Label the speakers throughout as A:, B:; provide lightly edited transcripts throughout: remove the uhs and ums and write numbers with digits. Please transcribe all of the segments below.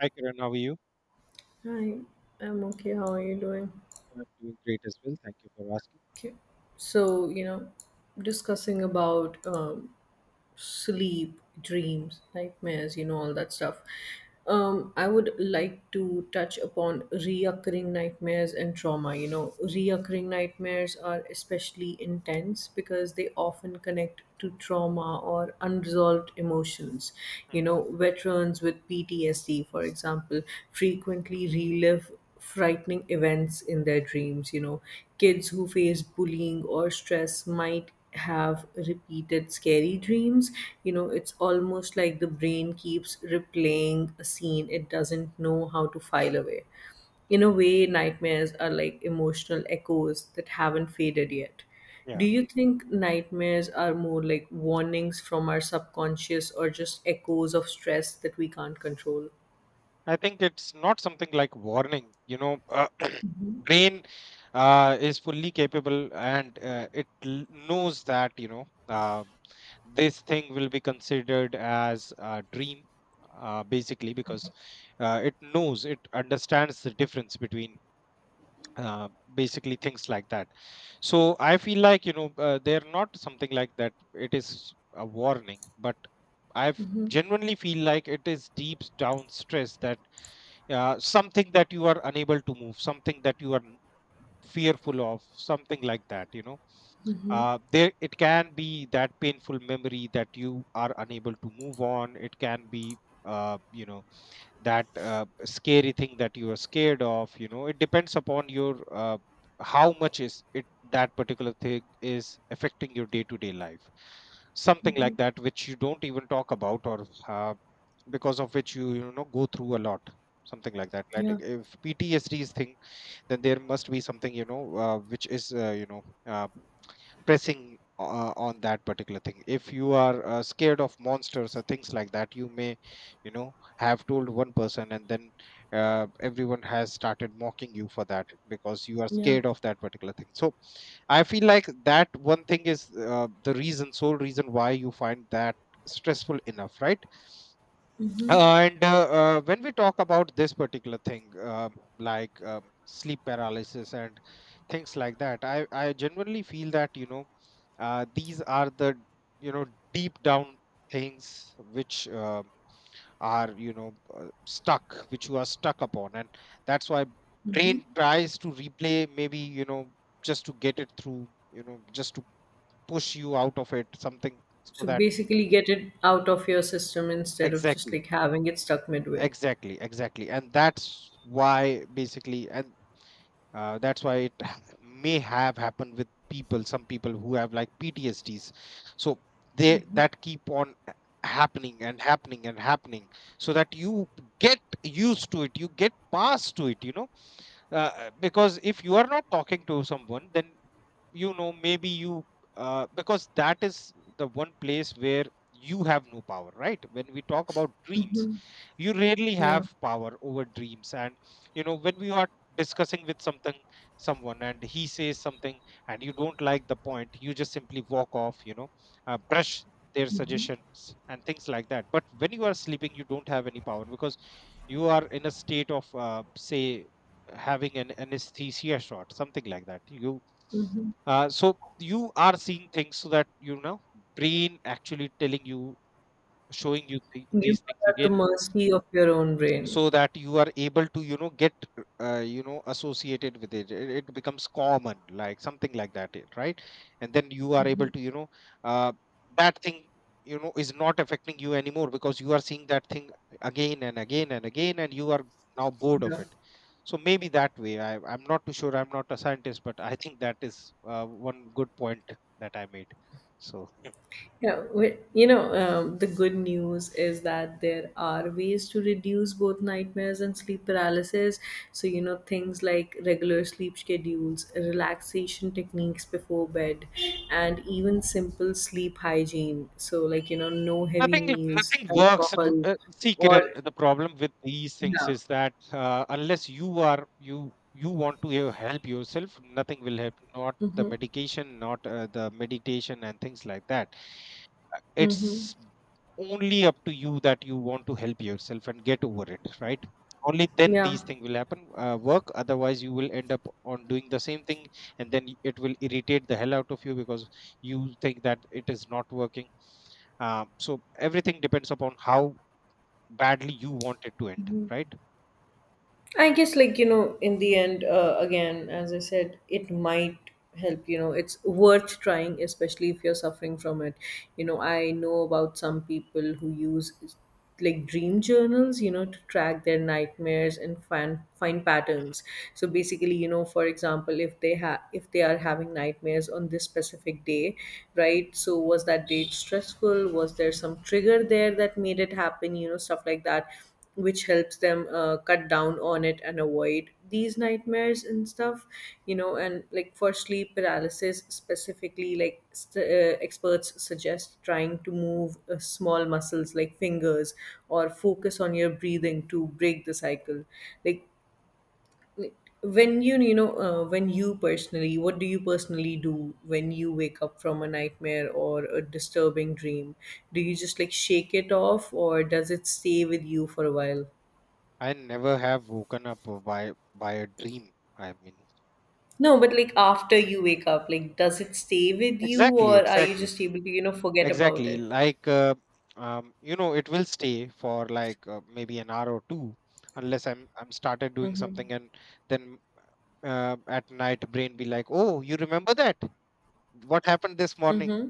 A: Hi, Kiran. How are you?
B: Hi, I'm okay. How are you doing?
A: I'm doing great as well. Thank you for asking.
B: Okay. So, discussing about sleep, dreams, nightmares, all that stuff. I would like to touch upon reoccurring nightmares and trauma. You know, reoccurring nightmares are especially intense because they often connect to trauma or unresolved emotions.
A: Hmm.
B: You know, veterans with PTSD, for example, frequently relive frightening events in their dreams. You know, kids who face bullying or stress might have repeated scary dreams. You know, it's almost like the brain keeps replaying a scene it doesn't know how to file away. In a way, nightmares are like emotional echoes that haven't faded yet.
A: Yeah,
B: Do you think nightmares are more like warnings from our subconscious or just echoes of stress that we can't control?
A: I think it's not something like warning. Brain is fully capable, and knows that this thing will be considered as a dream, basically, because it knows, it understands the difference between uh, basically things like that. So I feel like they're not something like that, it is a warning, but I genuinely feel like it is deep down stress that, something that you are unable to move, something that you are fearful of, something like that, you know. There, it can be that painful memory that you are unable to move on, it can be, uh, you know that scary thing that you are scared of, you know, it depends upon your how much is it that particular thing is affecting your day to day life, something like that, which you don't even talk about, or because of which you know, go through a lot, something like that, like
B: Yeah,
A: if PTSD is thing. Then there must be something, which is, pressing on that particular thing. If you are scared of monsters or things like that, you may, you know, have told one person, and then everyone has started mocking you for that because you are
B: yeah.
A: scared of that particular thing. So I feel like that one thing is the reason, sole reason why you find that stressful enough, right? And when we talk about this particular thing, sleep paralysis and things like that, I genuinely feel that, you know, these are the, you know, deep down things which are, stuck, which you are stuck upon, and that's why brain tries to replay, maybe, you know, just to get it through, you know, just to push you out of it, something, so
B: So
A: that.
B: basically, get it out of your system instead of just
A: Exactly.
B: like having it stuck midway.
A: Exactly, exactly. And that's why basically, and that's why it may have happened with people, some people who have like PTSDs. So they, that keep on happening and happening and happening, so that you get used to it, you get past to it, you know, because if you are not talking to someone, then, you know, maybe you, because that is the one place where you have no power, right? When we talk about dreams, you rarely
B: Yeah.
A: have power over dreams. And you know, when we are discussing with something someone and he says something and you don't like the point, you just simply walk off, you know, brush their suggestions and things like that. But when you are sleeping, you don't have any power, because you are in a state of, say, having an anesthesia shot, something like that, you, so you are seeing things, so that, you know, brain actually telling you, showing you
B: You
A: these things
B: are at the
A: again,
B: mercy of your own brain.
A: so that you are able to, you know, get associated with it. It becomes common, like something like that, eh, right? And then you are able to, you know, uh, that thing, you know, is not affecting you anymore, because you are seeing that thing again and again and again, and you are now bored of it. So maybe that way, I'm not too sure, I'm not a scientist, but I think that is one good point that I made. So
B: Yeah, you know, the good news is that there are ways to reduce both nightmares and sleep paralysis. So, you know, things like regular sleep schedules, relaxation techniques before bed, and even simple sleep hygiene. So, like, you know, no heavy
A: nothing
B: meals,
A: nothing works.
B: alcohol,
A: See,
B: or
A: Kiran, the problem with these things
B: yeah.
A: is that unless you are, you want to help yourself, nothing will help. Not the
B: Mm-hmm.
A: medication, not the meditation, and things like that.
B: Mm-hmm.
A: It's only up to you that you want to help yourself and get over it, right? Only then
B: Yeah,
A: these things will happen. Work, otherwise you will end up on doing the same thing, and then it will irritate the hell out of you because you think that it is not working. So everything depends upon how badly you want it to end, right?
B: I guess like you know, in the end, again, as I said, it might help. You know, it's worth trying, especially if you're suffering from it. You know, I know about some people who use like dream journals, you know, to track their nightmares and find patterns. So basically, you know, for example, if they are having nightmares on this specific day, right? So was that date stressful? Was there some trigger there that made it happen? You know, stuff like that which helps them cut down on it and avoid these nightmares and stuff, you know. And like for sleep paralysis specifically, like experts suggest trying to move small muscles like fingers or focus on your breathing to break the cycle. Like when you personally, what do you personally do when you wake up from a nightmare or a disturbing dream? Do you just like shake it off or does it stay with you for a while?
A: I never have woken up by a dream. I mean,
B: No, but like after you wake up, like does it stay with you
A: exactly,
B: or are you
A: exactly,
B: just able to, you know, forget about
A: exactly.
B: it?
A: Like, you know, it will stay for like maybe an hour or two, unless I'm started doing something, and then at night brain be like, oh, you remember that? What happened this morning?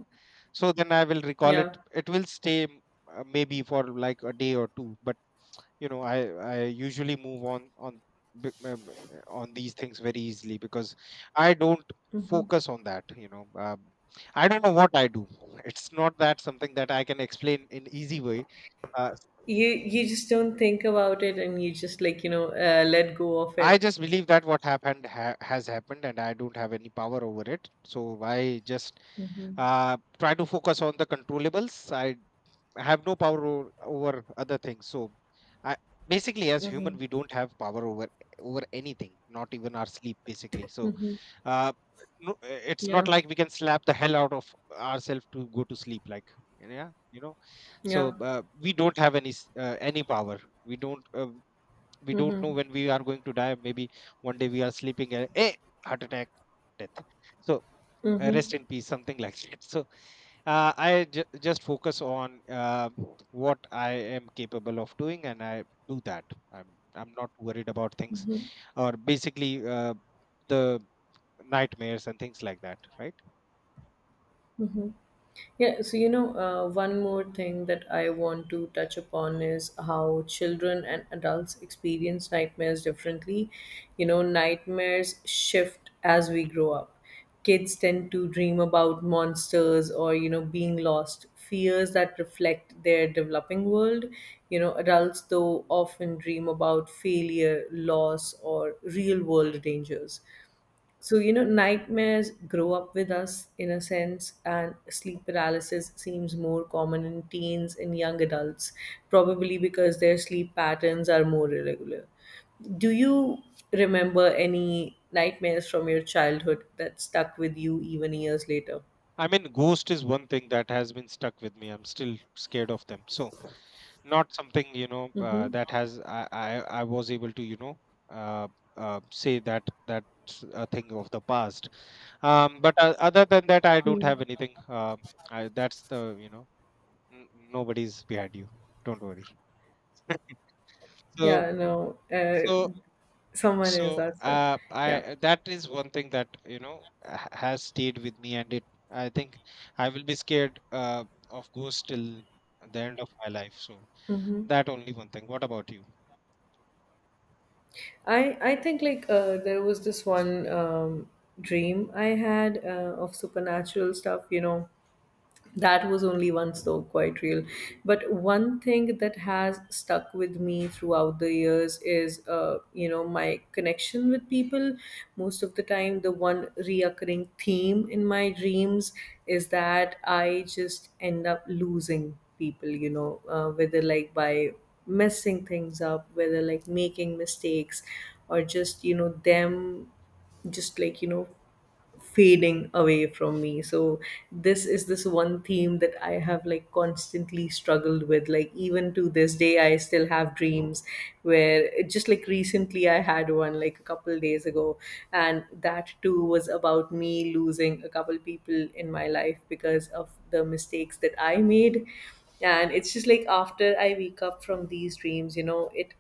A: So then I will recall it.
B: Yeah.
A: It will stay maybe for like a day or two, but you know, I usually move on on these things very easily because I don't
B: Hmm.
A: focus on that, I don't know what I do it's not that something that I can explain in easy way. uh,
B: You just don't think about it and you just like, you know, let go of
A: i
B: it.
A: just believe that has happened and I don't have any power over it, so I just
B: Mm-hmm.
A: uh, try to focus on the controllables. I have no power over, over other things. So I basically, as
B: Mm-hmm.
A: human, we don't have power over, over anything, not even our sleep, basically. So uh no, it's not
B: Yeah.
A: like we can slap the hell out of ourselves to go to sleep, like, yeah, you know.
B: Yeah.
A: So we don't have any any power. We don't uh, we don't
B: Mm-hmm.
A: know when we are going to die. Maybe one day we are sleeping and hey, heart attack, death. So
B: Mm-hmm.
A: rest in peace, something like that. So I just focus on what I am capable of doing, and I do that. I'm I'm not worried about things, or basically the nightmares and things like that. Right?
B: Yeah, so you know, one more thing that I want to touch upon is how children and adults experience nightmares differently. You know, nightmares shift as we grow up. Kids tend to dream about monsters or, you know, being lost, fears that reflect their developing world. You know, adults, though, often dream about failure, loss, or real
A: Hmm.
B: world dangers. So, you know, nightmares grow up with us in a sense, and sleep paralysis seems more common in teens and young adults, probably because their sleep patterns are more irregular. Do you remember any nightmares from your childhood that stuck with you even years later?
A: I mean, ghost is one thing that has been stuck with me. I'm still scared of them. So not something,
B: Mm-hmm.
A: that has, I was able to, uh, say that that's a thing of the past. But Other than that, I don't have anything. That's the, you know, N- nobody's behind you, don't worry, so
B: Yeah, no,
A: so.
B: someone
A: So
B: is, that's it.
A: uh
B: Yeah.
A: i that is one thing that, you know, has stayed with me. And it, I think I will be scared of ghosts till the end of my life. So that only one thing, what about you?
B: I think like there was this one dream I had of supernatural stuff, you know, that was only once though quite real. But one thing that has stuck with me throughout the years is you know, my connection with people. Most of the time, the one reoccurring theme in my dreams is that I just end up losing people, you know, whether like by messing things up, whether like making mistakes, or just you know them just like, you know, fading away from me. So this is this one theme that I have like constantly struggled with. Like even to this day I still have dreams where it just like, recently I had one like a couple days ago, and that too was about me losing a couple people in my life because of the mistakes that I made. And it's just like after I wake up from these dreams, you know, it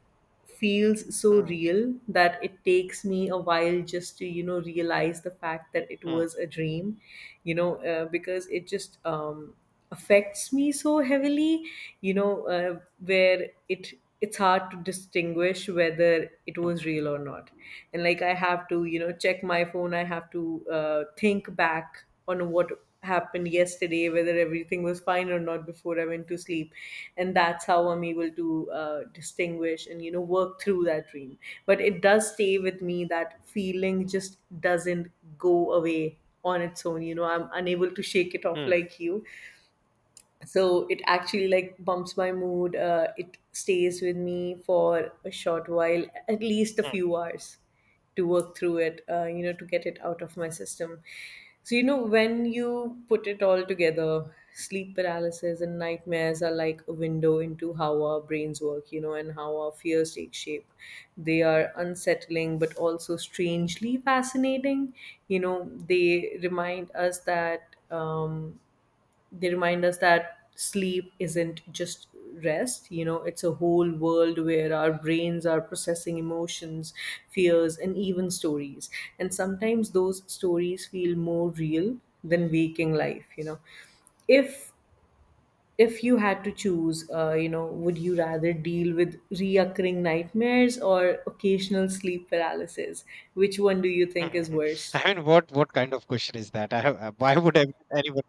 B: feels so
A: Hmm,
B: real that it takes me a while just to you know realize the fact that it
A: hmm,
B: was a dream, you know, because it just affects me so heavily, you know, where it, it's hard to distinguish whether it
A: hmm,
B: was real or not. And like I have to you know check my phone, I have to think back on what happened yesterday, whether everything was fine or not before I went to sleep. And that's how I'm able to distinguish and, you know, work through that dream. But it does stay with me. That feeling just doesn't go away on its own. You know, I'm unable to shake it
A: hmm,
B: off
A: hmm,
B: like you. So it actually like bumps my mood. It stays with me for a short while, at least a few hours to work through it, you know, to get it out of my system. So you know, when you put it all together, sleep paralysis and nightmares are like a window into how our brains work, you know, and how our fears take shape. They are unsettling but also strangely fascinating. You know, they remind us that sleep isn't just rest, you know. It's a whole world where our brains are processing emotions, fears, and even stories. And sometimes those stories feel more real than waking life, you know. if if you had to choose, you know, would you rather deal with reoccurring nightmares or occasional sleep paralysis? Which one do you think is
A: hmm.
B: worse?
A: I mean, what kind of question is that? Why would anyone?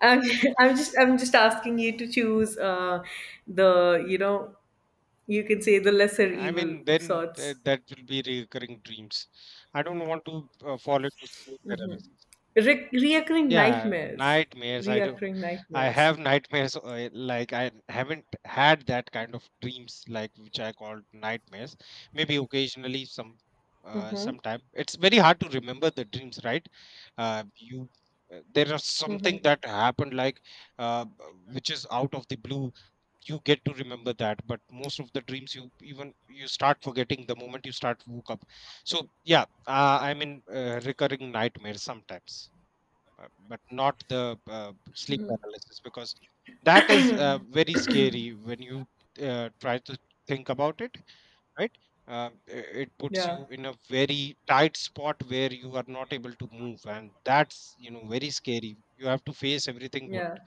B: I'm, I'm just asking you to choose the you know You can say the lesser
A: I mean,
B: evil of
A: then
B: sorts.
A: that will be recurring dreams. I don't want to fall into sleep paralysis.
B: Reoccurring
A: Yeah,
B: nightmares.
A: nightmares. I do.
B: Reoccurring
A: I
B: nightmares.
A: have nightmares. Like, I haven't had that kind of dreams, like, which I call nightmares. Maybe occasionally, some,
B: Mm-hmm.
A: sometime. It's very hard to remember the dreams, right? Uh, you, there are something
B: Mm-hmm.
A: that happened, like, uh, b- which is out of the blue. You get to remember that, but most of the dreams, you, even you start forgetting the moment you start woke up. So yeah, I mean, recurring nightmares sometimes, but not the sleep paralysis, because that is very scary. When you try to think about it, right? uh, it puts
B: Yeah.
A: you in a very tight spot where you are not able to move, and that's, you know, very scary. You have to face everything what
B: Yeah.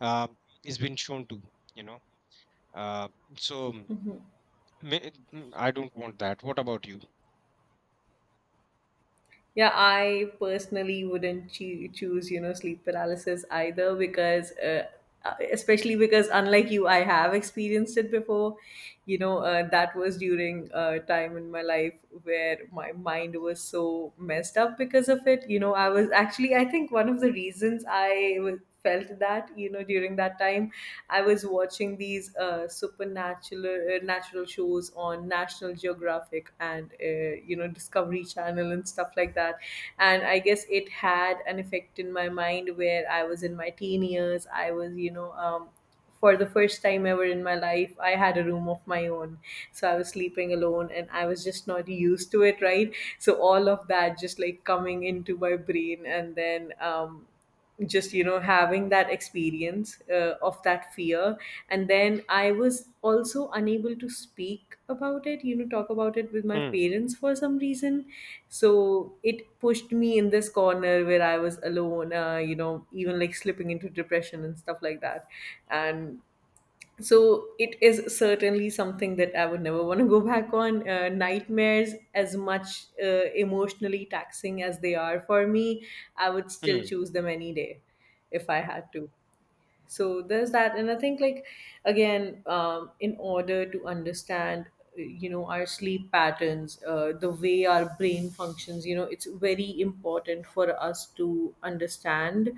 A: uh, is been shown to, you know. Uh, so I don't want that. What about you?
B: Yeah, I personally wouldn't choose, you know, sleep paralysis either, because, especially because, unlike you, I have experienced it before. You know, that was during a time in my life where my mind was so messed up because of it. You know, I was actually, I think one of the reasons I was felt that, you know, during that time I was watching these supernatural natural shows on National Geographic and, you know, Discovery Channel and stuff like that. And I guess it had an effect in my mind where I was in my teen years. I was, you know, for the first time ever in my life, I had a room of my own. So I was sleeping alone and I was just not used to it, right? So all of that just like coming into my brain and then just you know having that experience of that fear. And then I was also unable to speak about it, you know, talk about it with my
A: Hmm.
B: parents for some reason. So it pushed me in this corner where I was alone, you know, even like slipping into depression and stuff like that. And so it is certainly something that I would never want to go back on. Nightmares, as much emotionally taxing as they are for me, I would still
A: Hmm.
B: choose them any day if I had to. So there's that. And I think like again, in order to understand you know, our sleep patterns, the way our brain functions, you know, it's very important for us to understand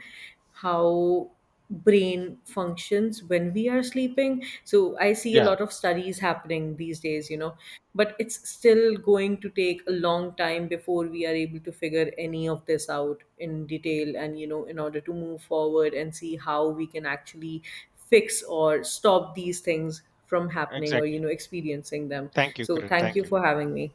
B: how brain functions when we are sleeping. So I see a
A: Yeah,
B: lot of studies happening these days, you know, but it's still going to take a long time before we are able to figure any of this out in detail and, you know, in order to move forward and see how we can actually fix or stop these things from happening or, you
A: exactly.
B: know, experiencing them.
A: Thank you,
B: So
A: Kiran,
B: thank
A: thank
B: you
A: you.
B: for having me.